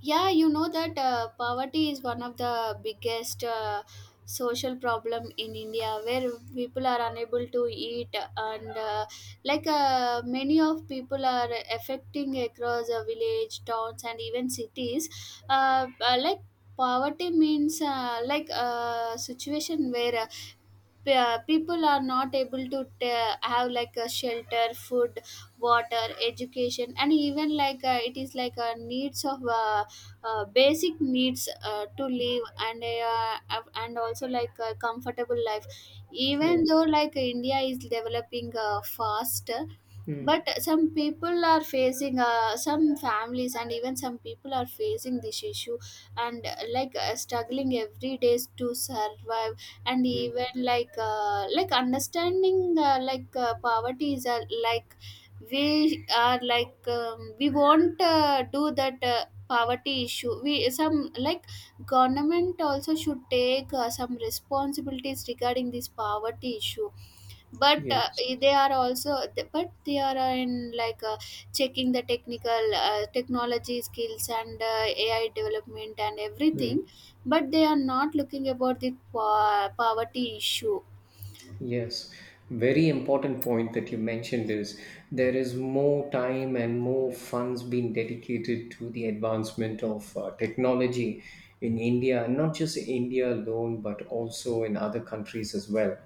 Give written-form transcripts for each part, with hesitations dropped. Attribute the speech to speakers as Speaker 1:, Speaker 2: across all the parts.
Speaker 1: Yeah, you know that poverty is one of the biggest social problem in India where people are unable to eat and many of people are affecting across a village towns and even cities. uh, uh, like Poverty means, a situation where people are not able to have like a shelter, food, water, education, and even it is like a needs of basic needs to live, and and also like a comfortable life. Even
Speaker 2: Yes.
Speaker 1: though like India is developing fast,
Speaker 2: Mm,
Speaker 1: but some people are facing, some families and even some people are facing this issue, and struggling every day to survive. And
Speaker 2: mm,
Speaker 1: even understanding, poverty is like, we are like, we won't do that poverty issue. We some like government also should take some responsibilities regarding this poverty issue. But
Speaker 2: yes.
Speaker 1: they are also, but they are, like, uh, checking the technology skills and, AI development and
Speaker 2: Mm.
Speaker 1: everything, but they are not looking about the po poverty issue.
Speaker 2: Yes, very important point that you mentioned is there is more time and more funds being dedicated to the advancement of technology in India, and not just India alone, but also in other countries as well.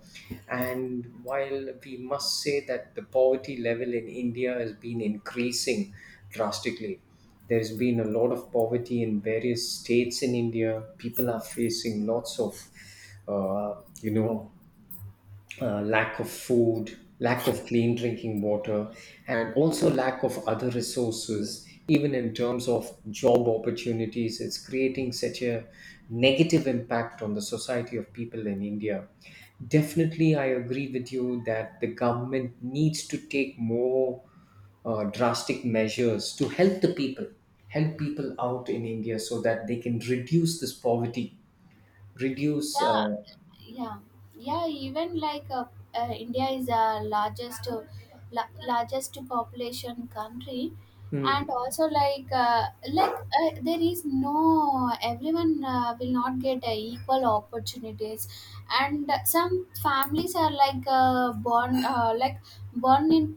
Speaker 2: And while we must say that the poverty level in India has been increasing drastically, there's been a lot of poverty in various states in India. People are facing lots of, uh, you know, lack of food, lack of clean drinking water, and also lack of other resources, even in terms of job opportunities. It's creating such a negative impact on the society of people in India. Definitely, I agree with you that the government needs to take more drastic measures to help the people, help people out in India so that they can reduce this poverty, reduce.
Speaker 1: Yeah. Yeah yeah even India is the largest, largest population country. And
Speaker 2: Mm,
Speaker 1: also there is no, everyone will not get equal opportunities. And some families are born, born in,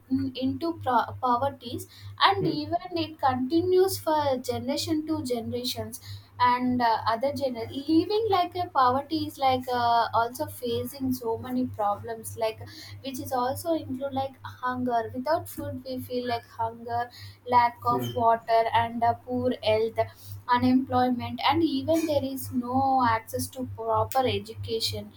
Speaker 1: into poverties, and
Speaker 2: mm,
Speaker 1: even it continues for generation to generation. And other general living like a poverty is also facing so many problems, like which is also include like hunger. Without food we feel like hunger, lack of
Speaker 2: mm.
Speaker 1: water and poor health, unemployment, and even there is no access to proper education.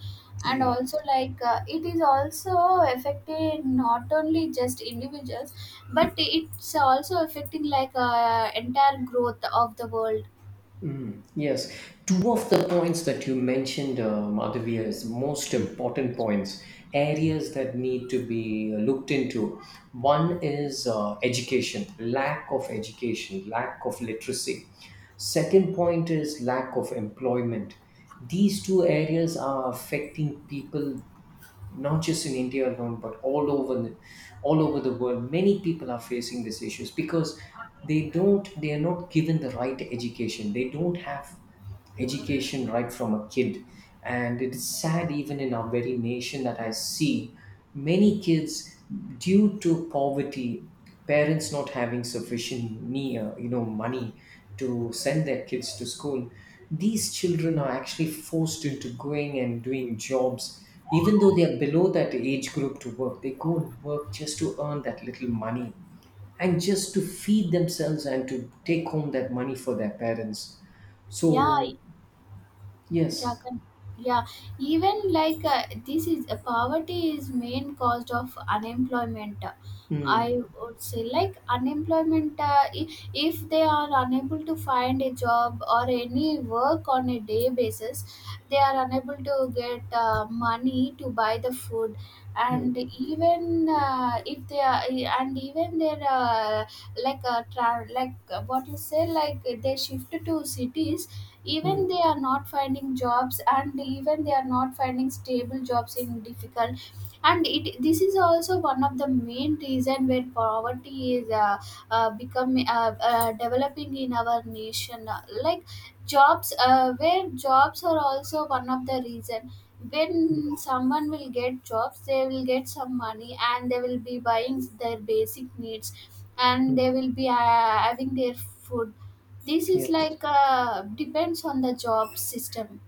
Speaker 1: And
Speaker 2: Yeah.
Speaker 1: also it is also affecting not only just individuals, but it's also affecting entire growth of the world.
Speaker 2: Mm, yes, two of the points that you mentioned, Madhavia, is most important points, areas that need to be looked into. One is education, lack of literacy. Second point is lack of employment. These two areas are affecting people not just in India alone, but all over the world. Many people are facing these issues because they are not given the right education. They don't have education right from a kid, and it is sad even in our very nation that I see many kids, due to poverty, parents not having sufficient me you know money to send their kids to school. These children are actually forced into going and doing jobs even though they are below that age group to work. They go and work just to earn that little money and just to feed themselves and to take home that money for their parents,
Speaker 1: yeah
Speaker 2: so.
Speaker 1: yeah
Speaker 2: Yes.
Speaker 1: con- yeah Even this is poverty is main cause of unemployment.
Speaker 2: Hmm.
Speaker 1: I would say, like, unemployment, if they are unable to find a job or any work on a day basis, they are unable to get money to buy the food. And
Speaker 2: Hmm.
Speaker 1: even if they are And even their, what you say, like they shift to cities,
Speaker 2: Hmm.
Speaker 1: even they are not finding jobs, and even they are not finding stable jobs in difficult. And it this is also one of the main reason where poverty is becoming, developing in our nation. Like, jobs, where jobs are also one of the reason.
Speaker 2: Hmm.
Speaker 1: When someone will get jobs, they will get some money, and they will be buying their basic needs, and
Speaker 2: Hmm.
Speaker 1: they will be having their food. This is
Speaker 2: Yes.
Speaker 1: depends on the job system.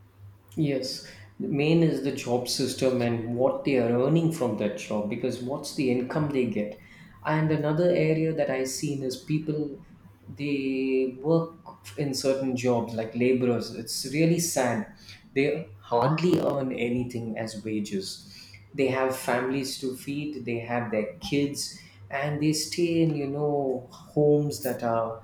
Speaker 2: Yes. The main is the job system and what they are earning from that job, because what's the income they get. And another area that I seen is people. They work in certain jobs like laborers. It's really sad. They hardly earn anything as wages. They have families to feed, they have their kids, and they stay in, you know, homes that are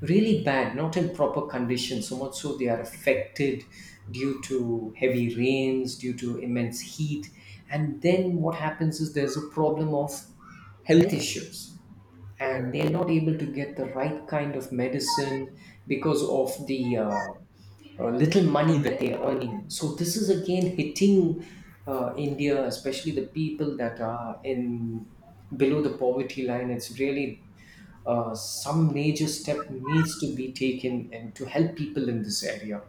Speaker 2: really bad, not in proper condition, so much so they are affected due to heavy rains, due to immense heat. And then what happens is there's a problem of health issues, and they're not able to get the right kind of medicine because of the little money that they're earning. So this is again hitting India, especially the people that are in below the poverty line. It's really, some major step needs to be taken, and to help people in this area.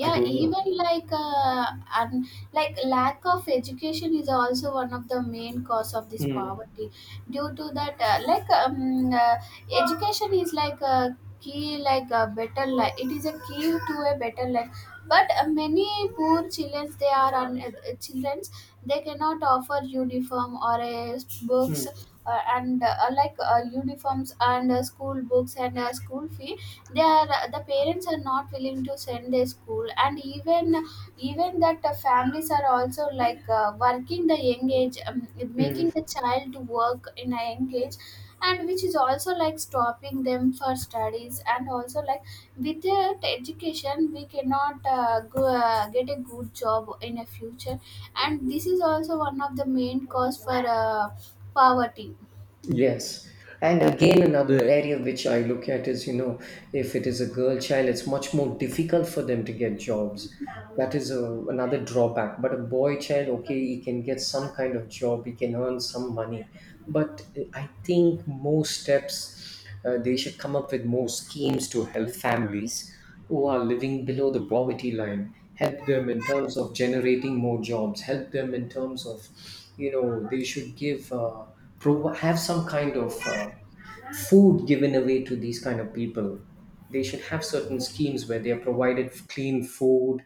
Speaker 2: I don't know.
Speaker 1: even and like, lack of education is also one of the main cause of this
Speaker 2: Mm,
Speaker 1: poverty. Due to that, education is like a key, like a better life, it is a key to a better life. But many poor children, they are on, children they cannot offer uniform or a books,
Speaker 2: mm,
Speaker 1: and like uniforms and school books and school fee. They are, the parents are not willing to send their school, and even even that the families are also working the young age, making
Speaker 2: mm.
Speaker 1: the child to work in a young age, and which is also like stopping them for studies. And also like, without education we cannot get a good job in a future, and this is also one of the main cause for poverty.
Speaker 2: Yes. And again, another area which I look at is, you know, if it is a girl child, it's much more difficult for them to get jobs. That is another drawback. But a boy child, okay, he can get some kind of job, he can earn some money, but I think more steps, they should come up with more schemes to help families who are living below the poverty line, help them in terms of generating more jobs, help them in terms of, you know, they should give have some kind of food given away to these kind of people. They should have certain schemes where they are provided clean food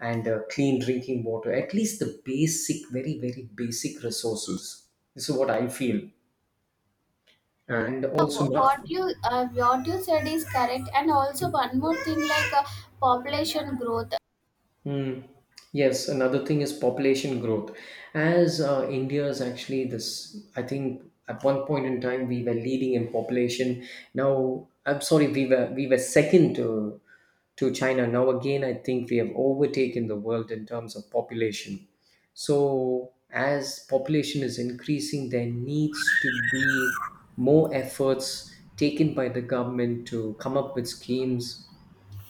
Speaker 2: and, clean drinking water, at least the basic, very, very basic resources. This is what I feel. And also, not.
Speaker 1: What you uh, what you said is correct, and also one more thing, population growth.
Speaker 2: Hmm. Yes, another thing is population growth. As India is actually this, I think at one point in time we were leading in population. Now, I'm sorry, we were, we were second to China. Now again, I think we have overtaken the world in terms of population. So as population is increasing, there needs to be more efforts taken by the government to come up with schemes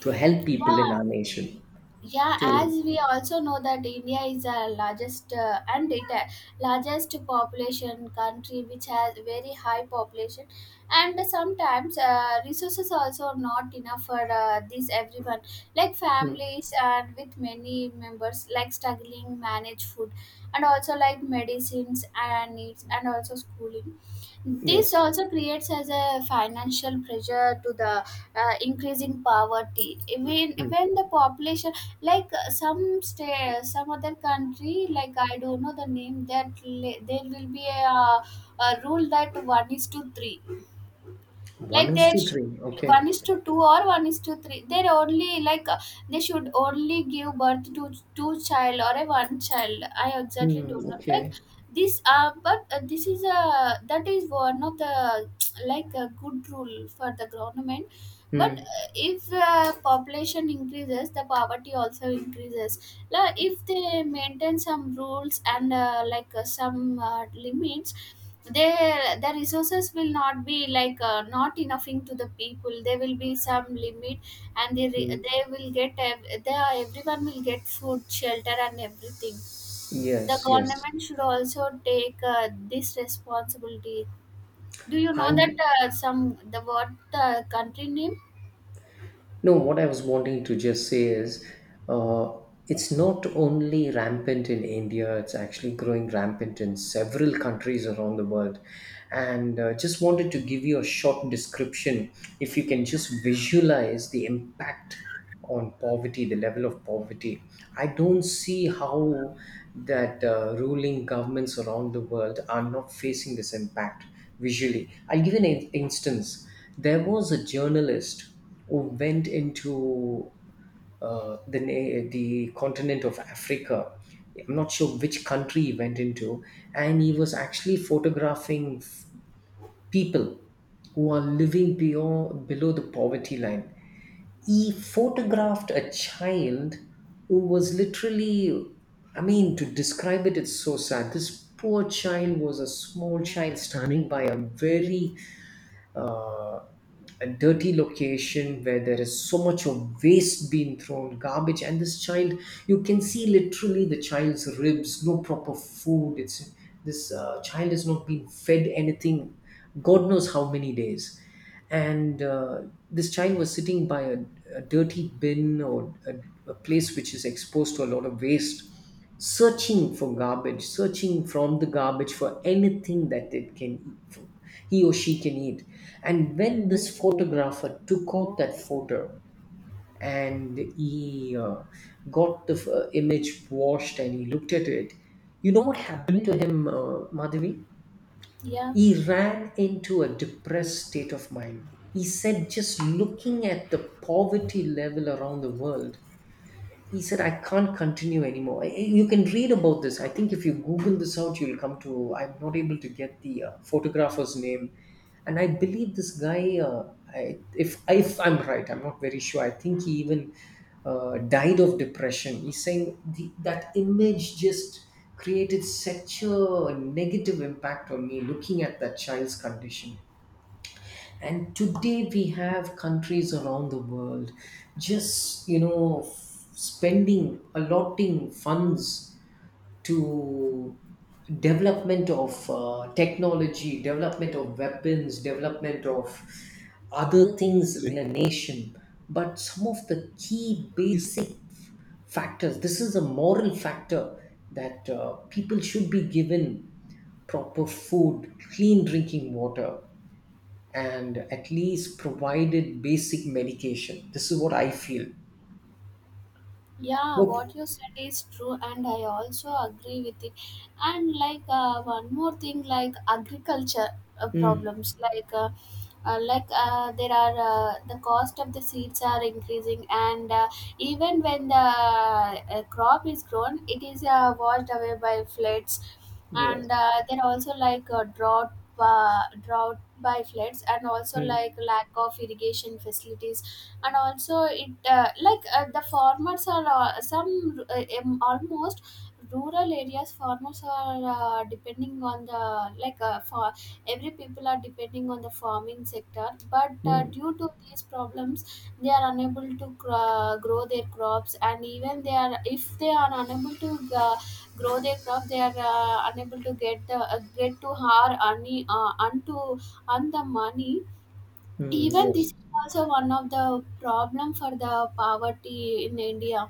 Speaker 2: to help people in our
Speaker 1: yeah
Speaker 2: nation
Speaker 1: yeah as
Speaker 2: to.
Speaker 1: we also know that India is the largest, and it largest population country, which has very high population. And sometimes resources also not enough for this everyone, like
Speaker 2: Mm.
Speaker 1: families and with many members like struggling manage food and also like medicines and needs and also schooling. This
Speaker 2: Yes.
Speaker 1: also creates as a financial pressure to the increasing poverty. when
Speaker 2: Mm.
Speaker 1: when the population, some state, some other country, like I don't know the name, there will be a rule that one is to three.
Speaker 2: One
Speaker 1: Like,
Speaker 2: is
Speaker 1: they
Speaker 2: two,
Speaker 1: should
Speaker 2: three. Okay.
Speaker 1: one is to two or one is to three, they're only they should only give birth to two child or a one child. I exactly
Speaker 2: Mm.
Speaker 1: don't know, like
Speaker 2: Okay.
Speaker 1: this but this is a, that is one of the like a good rule for the government. But
Speaker 2: Mm.
Speaker 1: if population increases, the poverty also increases. Like, if they maintain some rules and some limits, their resources will not be not enoughing to the people, there will be some limit, and
Speaker 2: Mm.
Speaker 1: they will get, they are, everyone will get food, shelter, and everything. The
Speaker 2: Yes. Yes.
Speaker 1: government should also take this responsibility. Do you
Speaker 2: I
Speaker 1: know that some the what the country name?
Speaker 2: No. What I was wanting to just say is, uh, it's not only rampant in India. It's actually growing rampant in several countries around the world, and just wanted to give you a short description. If you can just visualize the impact on poverty, the level of poverty. I don't see how that ruling governments around the world are not facing this impact visually. I'll give an instance. There was a journalist who went into the continent of Africa. I'm not sure which country he went into, and he was actually photographing people who are living beyond below the poverty line. He photographed a child who was literally, I mean, to describe it, it's so sad. This poor child was a small child standing by a very, uh, a dirty location where there is so much of waste being thrown, garbage, and this child, you can see literally the child's ribs, no proper food. It's, this child has not been fed anything, god knows how many days. And this child was sitting by a dirty bin, or a place which is exposed to a lot of waste, searching for garbage, searching from the garbage for anything that it can eat he or she can eat. And when this photographer took out that photo, and he, got the image washed and he looked at it, you know what happened to him, Madhavi?
Speaker 1: Yeah.
Speaker 2: He ran into a depressed state of mind. He said, just looking at the poverty level around the world, he said, I can't continue anymore. You can read about this. I think if you google this out you'll come to, I'm not able to get the photographer's name, and I believe this guy, if I'm right, I'm not very sure, I think he even died of depression. He's saying that image just created such a negative impact on me, looking at that child's condition. And today we have countries around the world just, you know, spending, allotting funds to development of technology, development of weapons, development of other things in a nation. But some of the key basic factors, this is a moral factor, that people should be given proper food, clean drinking water, and at least provided basic medication. This is what I feel.
Speaker 1: Yeah,
Speaker 2: Look.
Speaker 1: what you said is true, and I also agree with it. And one more thing, like agriculture
Speaker 2: Mm.
Speaker 1: problems, there are the cost of the seeds are increasing, and even when the crop is grown, it is washed away by floods,
Speaker 2: Yes.
Speaker 1: and there are also drought. Drought by floods, and also like
Speaker 2: Mm.
Speaker 1: lack of irrigation facilities. And also it like the farmers are some almost rural areas farmers are depending on the, like for every people are depending on the farming sector. But
Speaker 2: Mm.
Speaker 1: due to these problems, they are unable to grow their crops, and even they are, if they are unable to uh, grow their crop, they are unable to get the, get to har any, unto on the money.
Speaker 2: Mm.
Speaker 1: Even
Speaker 2: Yes.
Speaker 1: this is also one of the problem for the poverty in India.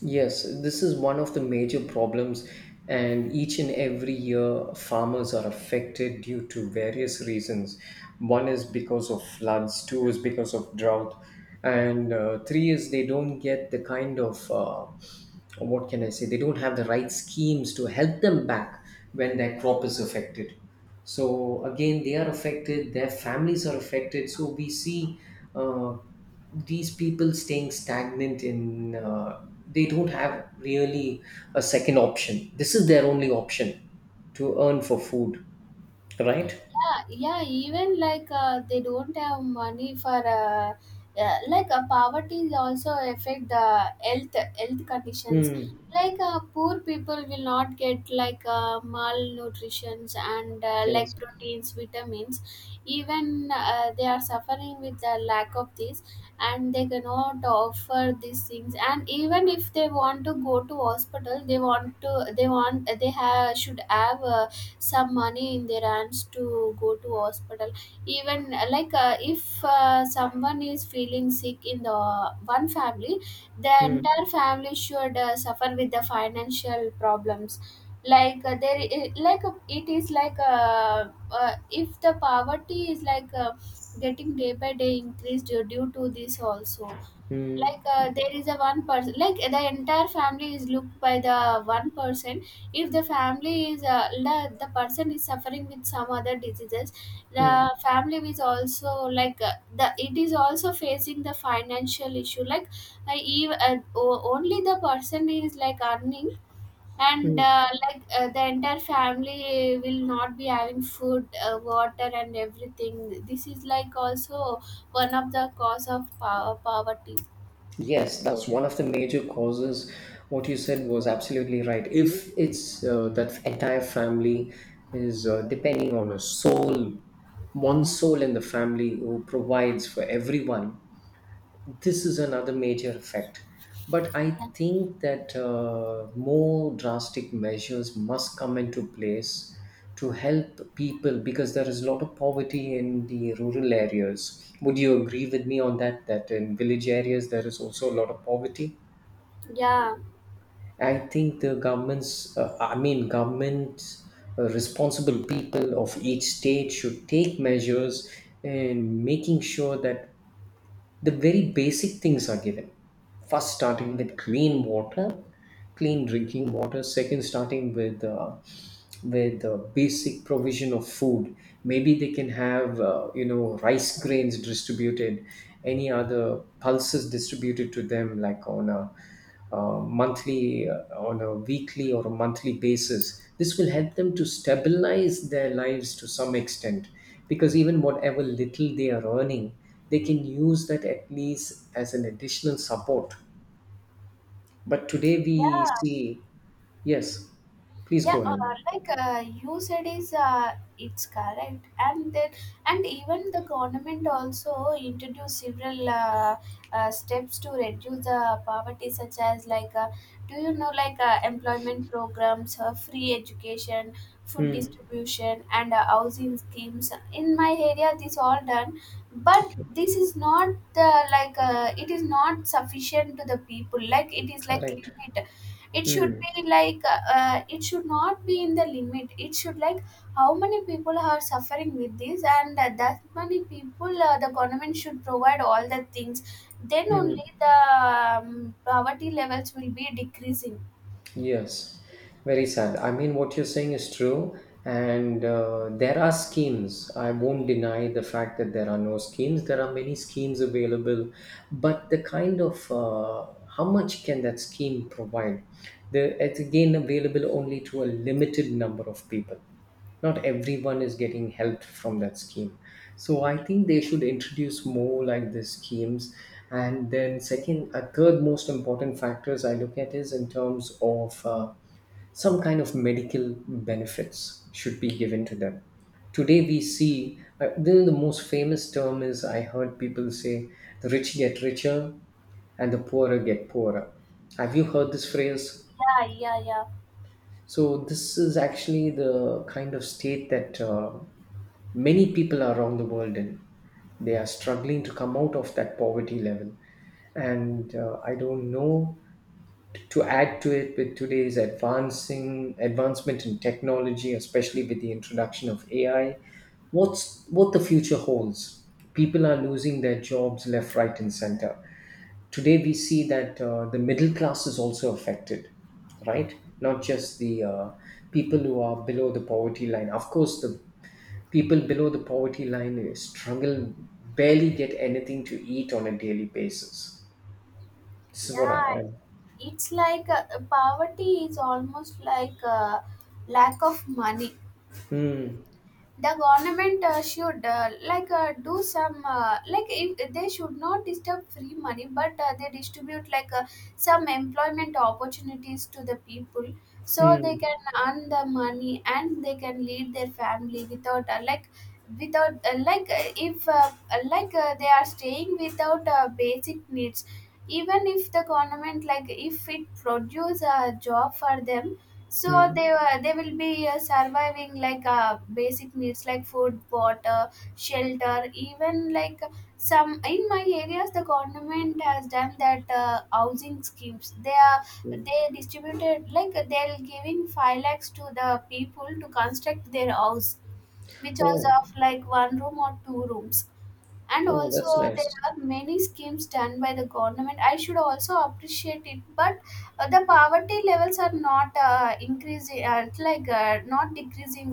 Speaker 2: Yes. This is one of the major problems, and each and every year, farmers are affected due to various reasons. One is because of floods, two is because of drought, and three is they don't get the kind of, what can I say? They don't have the right schemes to help them back when their crop is affected. So again they are affected, their families are affected, so we see, uh, these people staying stagnant in, they don't have really a second option, this is their only option to earn for food, right.
Speaker 1: Yeah. Even they don't have money for poverty is also affect the health conditions.
Speaker 2: Mm.
Speaker 1: Poor people will not get malnutritions and
Speaker 2: Yes.
Speaker 1: proteins, vitamins. Even they are suffering with the lack of this. And they cannot offer these things, and even if they want to go to hospital, they want to, they have should have some money in their hands to go to hospital. Even if someone is feeling sick in the one family, the
Speaker 2: Mm.
Speaker 1: entire family should suffer with the financial problems. Like there I- like It is if the poverty is getting day by day increased due to this also.
Speaker 2: Mm.
Speaker 1: There is a one person, like the entire family is looked by the one person. If the person is suffering with some other diseases, the
Speaker 2: Mm.
Speaker 1: family is also the, it is also facing the financial issue. Only the person is like earning, and
Speaker 2: Mm.
Speaker 1: uh, like uh, the entire family will not be having food, water, and everything. This is like also one of the cause of power poverty.
Speaker 2: Yes, that's one of the major causes. What you said was absolutely right. If it's, that entire family is depending on a soul, one soul in the family who provides for everyone, this is another major effect. But I think that, more drastic measures must come into place to help people, because there is a lot of poverty in the rural areas. Would you agree with me on that, that in village areas there is also a lot of poverty?
Speaker 1: yeah
Speaker 2: I think the governments, I mean government, responsible people of each state should take measures in making sure that the very basic things are given. First, starting with clean water, clean drinking water. Second, starting with, basic provision of food. Maybe they can have, rice grains distributed, any other pulses distributed to them, like on a weekly or a monthly basis. This will help them to stabilize their lives to some extent, because even whatever little they are earning, they can use that at least as an additional support. But today we
Speaker 1: yeah
Speaker 2: see. Yes. Please
Speaker 1: yeah
Speaker 2: go
Speaker 1: uh,
Speaker 2: ahead.
Speaker 1: You said is it's correct. And then, and even the government also introduced several steps to reduce the poverty, such as do you know employment programs, free education, food
Speaker 2: Mm.
Speaker 1: distribution, and housing schemes. In my area, this all done, but
Speaker 2: Okay.
Speaker 1: this is not the, it is not sufficient to the people, like it is like
Speaker 2: Correct.
Speaker 1: limit. It should
Speaker 2: Mm,
Speaker 1: be it should not be in the limit. It should like how many people are suffering with this, and that many people, the government should provide all the things. Then
Speaker 2: mm,
Speaker 1: only the poverty levels will be decreasing.
Speaker 2: yes, very sad. I mean, what you're saying is true, and there are schemes. I won't deny the fact that there are no schemes. There are many schemes available, but the kind of, how much can that scheme provide? The, it's again available only to a limited number of people. Not everyone is getting help from that scheme, so I think they should introduce more like these schemes. And then second, a third most important factors I look at is in terms of some kind of medical benefits should be given to them. Today we see the most famous term is, I heard people say, the rich get richer and the poorer get poorer. Have you heard this phrase?
Speaker 1: Yeah, yeah, yeah,
Speaker 2: So this is actually the kind of state that many people around the world in. They are struggling to come out of that poverty level. And I don't know, to add to it, with today's advancing advancement in technology, especially with the introduction of AI, what the future holds. People are losing their jobs left, right, and center. Today we see that the middle class is also affected, right? Not just the people who are below the poverty line. Of course, the people below the poverty line struggle, barely get anything to eat on a daily basis. This is what i
Speaker 1: yeah.
Speaker 2: I-
Speaker 1: It's poverty is almost lack of money.
Speaker 2: Hmm.
Speaker 1: The government should do some, if they should not disturb free money, but they distribute some employment opportunities to the people, so they
Speaker 2: Hmm.
Speaker 1: can earn the money and they can lead their family without if they are staying without basic needs. Even if the government, like if it produce a job for them, so
Speaker 2: Hmm.
Speaker 1: they will be surviving basic needs like food, water, shelter, even like some in my areas the government has done that housing schemes. They are
Speaker 2: Hmm.
Speaker 1: they distributed, like they're giving five lakhs to the people to construct their house, which was
Speaker 2: Oh.
Speaker 1: of like one room or two rooms. And
Speaker 2: Oh,
Speaker 1: also,
Speaker 2: that's
Speaker 1: there
Speaker 2: nice.
Speaker 1: are many schemes done by the government. I should also appreciate it. But the poverty levels are not increasing, not decreasing,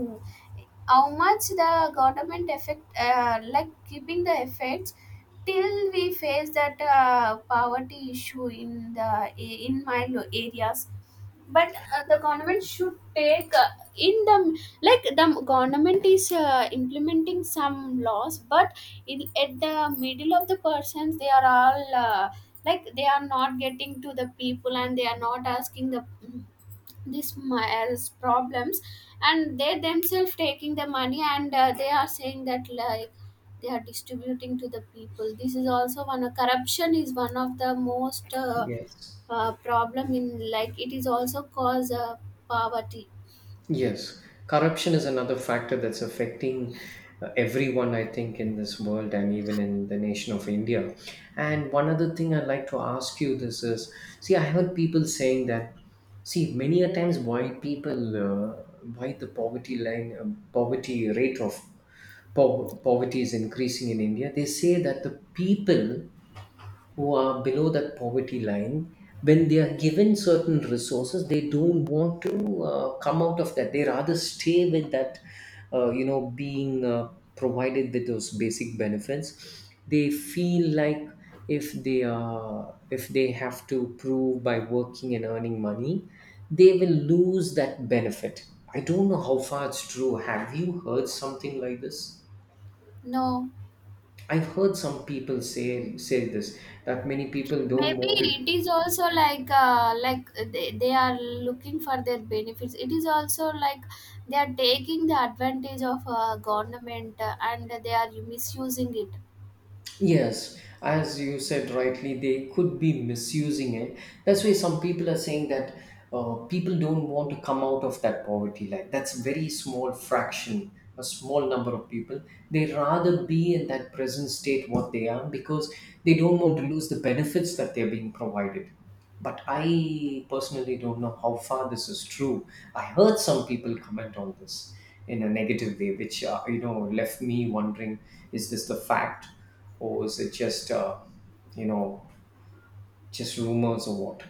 Speaker 1: how much the government effect, keeping the effects, till we face that poverty issue in the in my areas. But the government should take in the like the government is implementing some laws, but at the middle of the persons they are all they are not getting to the people, and they are not asking these as problems, and they themselves taking the money, and they are saying that, like, they are distributing to the people. This is also one of corruption is one of the most
Speaker 2: Yes.
Speaker 1: problem in, like it is also cause poverty.
Speaker 2: Yes, corruption is another factor that's affecting everyone, I think, in this world, and even in the nation of India. And one other thing I'd like to ask you this is, see, I heard people saying that, see, many a times white people, why the poverty line, poverty rate of poverty is increasing in India, they say that the people who are below that poverty line, when they are given certain resources, they don't want to come out of that. They rather stay with that, being provided with those basic benefits. They feel like if they have to prove by working and earning money, they will lose that benefit. I don't know how far it's true. Have you heard something like this?
Speaker 1: No.
Speaker 2: I've heard some people say this, that many people don't
Speaker 1: Maybe
Speaker 2: want
Speaker 1: it
Speaker 2: to.
Speaker 1: is also like, they are looking for their benefits. It is also like they are taking the advantage of government, and they are misusing it.
Speaker 2: Yes, as you said rightly, they could be misusing it. That's why some people are saying that people don't want to come out of that poverty line. That's a very small fraction, a small number of people. They rather be in that present state what they are because they don't want to lose the benefits that they're being provided. But I personally don't know how far this is true. I heard some people comment on this in a negative way, which left me wondering: is this the fact, or is it just you know just rumors or what?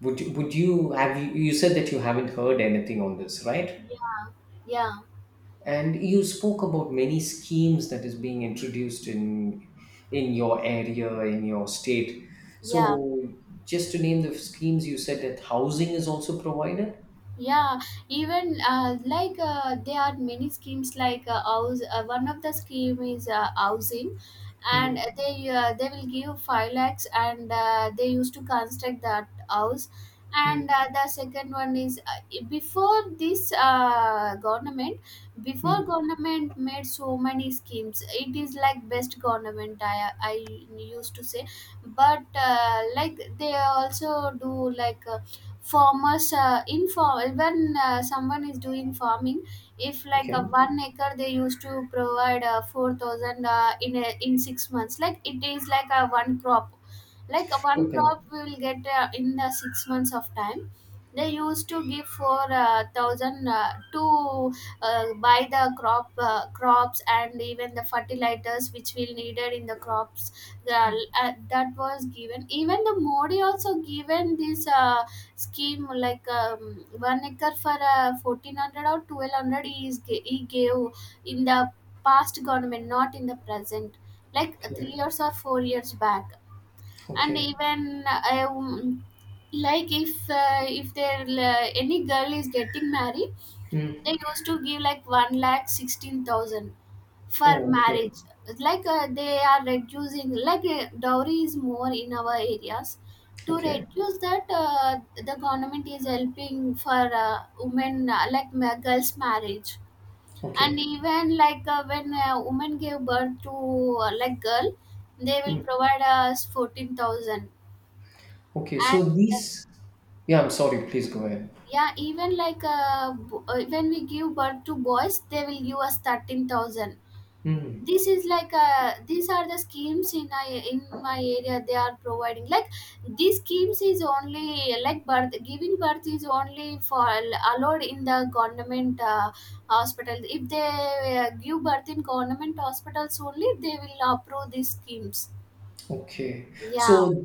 Speaker 2: Would you have you, you said that you haven't heard anything on this, right?
Speaker 1: Yeah, yeah,
Speaker 2: And you spoke about many schemes that is being introduced in your area, in your state.
Speaker 1: yeah.
Speaker 2: So just to name the schemes, you said that housing is also provided.
Speaker 1: Yeah, even there are many schemes, like house one of the scheme is housing, and
Speaker 2: Hmm.
Speaker 1: they will give 5 lakhs, and they used to construct that house.
Speaker 2: Hmm.
Speaker 1: And the second one is before this government.
Speaker 2: Hmm.
Speaker 1: Before government made so many schemes, it is like best government, I used to say. But they also do, like farmers, in farm, when someone is doing farming, if like a
Speaker 2: Okay.
Speaker 1: 1 acre, they used to provide 4,000, in 6 months, like it is like a one crop. Like a one
Speaker 2: Okay.
Speaker 1: crop will get in the 6 months of time. They used to give for thousand, to buy the crop crops and even the fertilizers which will needed in the crops. That was given. Even the Modi also given this scheme, like 1 acre for 1400 or 1200 he gave, in the past government, not in the present, like three
Speaker 2: Okay.
Speaker 1: years or 4 years back. And
Speaker 2: Okay.
Speaker 1: even if there any girl is getting married,
Speaker 2: Hmm.
Speaker 1: they used to give like one lakh 16,000 for
Speaker 2: Oh. Okay.
Speaker 1: marriage, like they are reducing, dowry is more in our areas. To
Speaker 2: Okay.
Speaker 1: reduce that, the government is helping for women, girls' marriage. And
Speaker 2: Okay.
Speaker 1: even when a woman gave birth to girl, they will
Speaker 2: Hmm.
Speaker 1: provide us 14,000. And
Speaker 2: Okay.
Speaker 1: uh,
Speaker 2: So these. Yeah. I'm sorry. Please go ahead.
Speaker 1: yeah, even when we give birth to boys, they will give us 13,000.
Speaker 2: Hmm.
Speaker 1: This is these are the schemes in in my area they are providing, like these schemes is only like birth giving birth is only for allowed in the government hospital. If they give birth in government hospitals only, they will approve these schemes.
Speaker 2: Okay.
Speaker 1: Yeah,
Speaker 2: So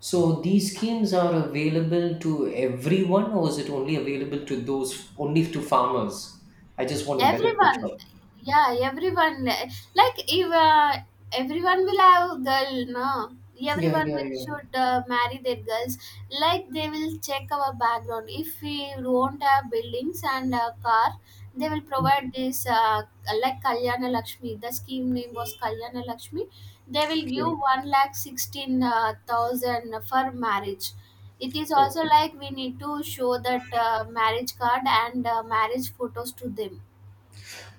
Speaker 2: so these schemes are available to everyone, or is it only available to those only to farmers? I just want a better
Speaker 1: everyone.
Speaker 2: picture.
Speaker 1: Yeah, like, if everyone will have girl, no,
Speaker 2: Yeah,
Speaker 1: everyone
Speaker 2: yeah,
Speaker 1: will
Speaker 2: yeah.
Speaker 1: should marry their girls. Like they will check our background. If we won't have buildings and a car, they will provide this, kalyana lakshmi, the scheme name was kalyana lakshmi. They will
Speaker 2: Okay.
Speaker 1: give one lakh 16 thousand for marriage. It is also
Speaker 2: Okay.
Speaker 1: like we need to show that marriage card and marriage photos to them.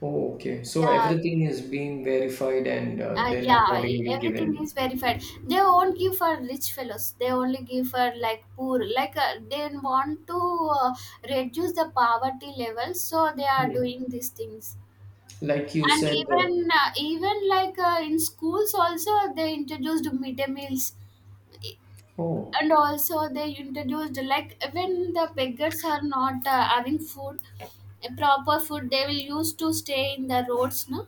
Speaker 2: Oh, okay. So
Speaker 1: Yeah,
Speaker 2: everything is being verified and then
Speaker 1: yeah,
Speaker 2: accordingly
Speaker 1: everything
Speaker 2: given.
Speaker 1: is verified. They won't give for rich fellows. They only give for like poor. They want to uh, reduce the poverty level, so they are
Speaker 2: Hmm.
Speaker 1: doing these things.
Speaker 2: Like you
Speaker 1: And
Speaker 2: said,
Speaker 1: even in schools also, they introduced midday meals.
Speaker 2: oh,
Speaker 1: And also they introduced, like even the beggars are not having food proper food, they will use to stay in the roads, no,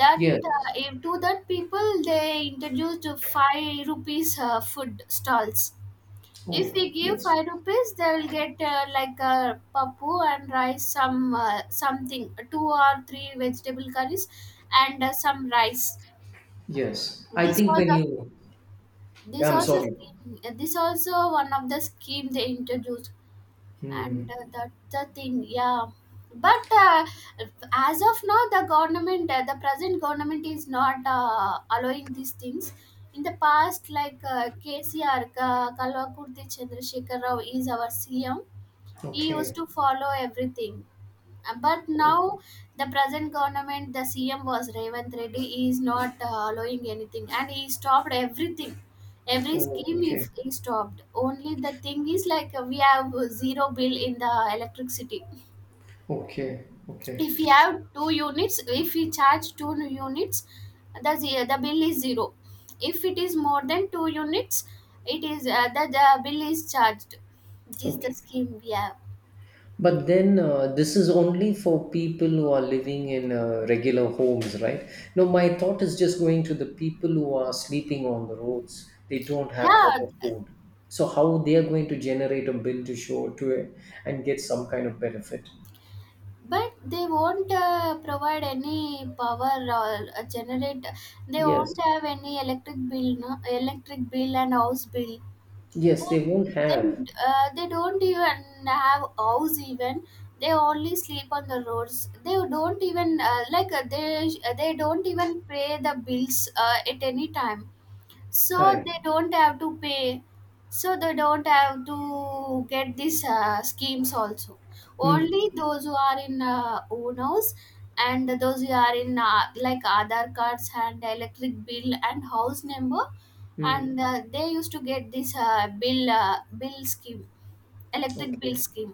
Speaker 1: that
Speaker 2: yes.
Speaker 1: to that people they introduced five rupees food stalls. If
Speaker 2: Oh,
Speaker 1: we give
Speaker 2: yes.
Speaker 1: five rupees, they will get like a papu and rice, something, two or three vegetable curries and some rice.
Speaker 2: Yes. I
Speaker 1: this
Speaker 2: think
Speaker 1: was
Speaker 2: when
Speaker 1: a
Speaker 2: you, I'm sorry.
Speaker 1: this also one of the scheme they introduced. And
Speaker 2: Hmm.
Speaker 1: that's the thing, yeah. But as of now, the present government is not allowing these things. In the past, like KCR, Kalvakurti Chandrasekhar Rao, is our CM. He used
Speaker 2: Okay.
Speaker 1: to follow everything, but now, the present government, the CM was Revanth Reddy. He is not allowing anything, and he stopped everything, every
Speaker 2: Oh,
Speaker 1: scheme. he,
Speaker 2: okay.
Speaker 1: he stopped. Only the thing is, like, we have zero bill in the electricity.
Speaker 2: Okay. Okay.
Speaker 1: If we have two units, if we charge two units, the bill is zero. If it is more than two units, it is the bill is charged. This is the
Speaker 2: Okay.
Speaker 1: scheme we have.
Speaker 2: But then this is only for people who are living in regular homes, right? No, my thought is just going to the people who are sleeping on the roads. They don't have
Speaker 1: Yeah.
Speaker 2: proper food. So how they are going to generate a bill to show to it and get some kind of benefit?
Speaker 1: But they won't provide any power or generate. They
Speaker 2: Yes.
Speaker 1: won't have any electric bill, no electric bill and house bill.
Speaker 2: Yes, they
Speaker 1: Then,
Speaker 2: won't have.
Speaker 1: then They don't even have house even. They only sleep on the roads. They don't even they don't even pay the bills at any time, so
Speaker 2: Correct.
Speaker 1: they don't have to pay, so they don't have to get these schemes also.
Speaker 2: Hmm.
Speaker 1: Only those who are in own house, and those who are in Aadhaar cards and electric bill and house number,
Speaker 2: Hmm.
Speaker 1: and they used to get this bill scheme, electric bill
Speaker 2: Okay.
Speaker 1: scheme.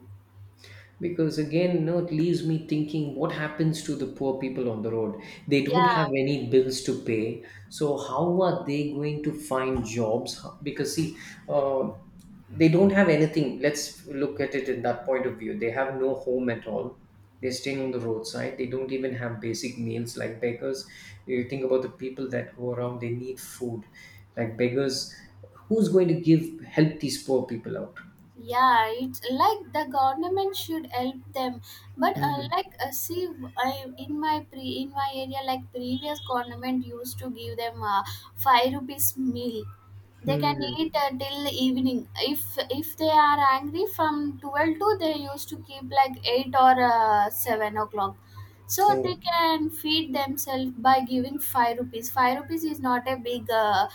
Speaker 2: Because again, you know, it leaves me thinking, what happens to the poor people on the road? They don't have
Speaker 1: Yeah.
Speaker 2: any bills to pay. So how are they going to find jobs? How- because, see, uh, they don't have anything. Let's look at it in that point of view. They have no home at all. They're staying on the roadside. They don't even have basic meals like beggars. You think about the people that go around, they need food. Like beggars, who's going to give help these poor people out?
Speaker 1: Yeah, it's like the government should help them, but
Speaker 2: Mm.
Speaker 1: see, in my area, like previous government used to give them five rupees meal. They can
Speaker 2: Mm.
Speaker 1: eat till evening. If they are angry from 12 to, they used to keep like eight or 7 o'clock. So they
Speaker 2: Oh.
Speaker 1: can feed themselves by giving five rupees. Five rupees is not a big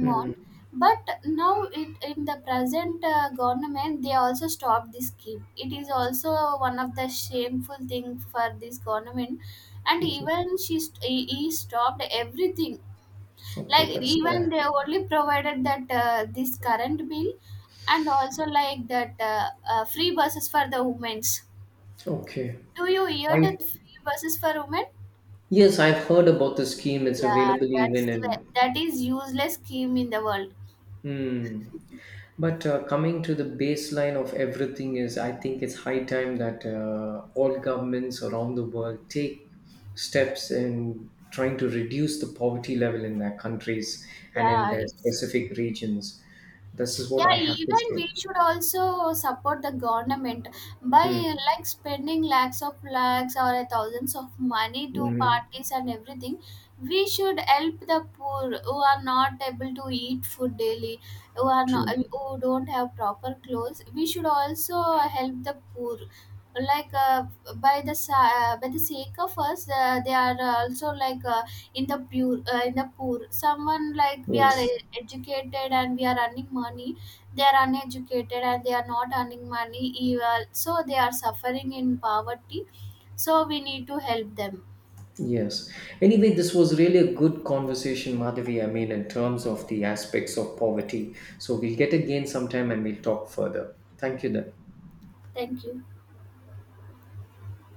Speaker 2: Hmm.
Speaker 1: But in the present government, they also stopped this scheme. It is also one of the shameful thing for this government, and
Speaker 2: Okay.
Speaker 1: even he stopped everything.
Speaker 2: Okay,
Speaker 1: Like,
Speaker 2: that's fine.
Speaker 1: even they only provided that this current bill, and also like that free buses for the women's.
Speaker 2: Okay.
Speaker 1: Do you hear
Speaker 2: I
Speaker 1: that? Free buses for women.
Speaker 2: yes, I've heard about the scheme. It's
Speaker 1: Yeah,
Speaker 2: available even in.
Speaker 1: that is useless scheme in the world.
Speaker 2: Hmm. But coming to the baseline of everything is, I think it's high time that all governments around the world take steps in trying to reduce the poverty level in their countries and in
Speaker 1: yeah
Speaker 2: their
Speaker 1: it's
Speaker 2: specific regions. This is what
Speaker 1: yeah,
Speaker 2: I have to
Speaker 1: even
Speaker 2: say.
Speaker 1: we should also support the government, by
Speaker 2: Hmm.
Speaker 1: spending lakhs of lakhs or thousands of money to
Speaker 2: Hmm.
Speaker 1: parties and everything. We should help the poor who are not able to eat food daily, who are not
Speaker 2: True.
Speaker 1: who don't have proper clothes. We should also help the poor, like uh, by the sake of us, they are also like in the poor. Someone like, we are
Speaker 2: Yes.
Speaker 1: educated and we are earning money, they are uneducated and they are not earning money eval, so they are suffering in poverty, so we need to help them.
Speaker 2: Yes. Anyway, this was really a good conversation, Madhavi. I mean, in terms of the aspects of poverty. So we'll get again sometime and we'll talk further. Thank you then.
Speaker 1: Thank you.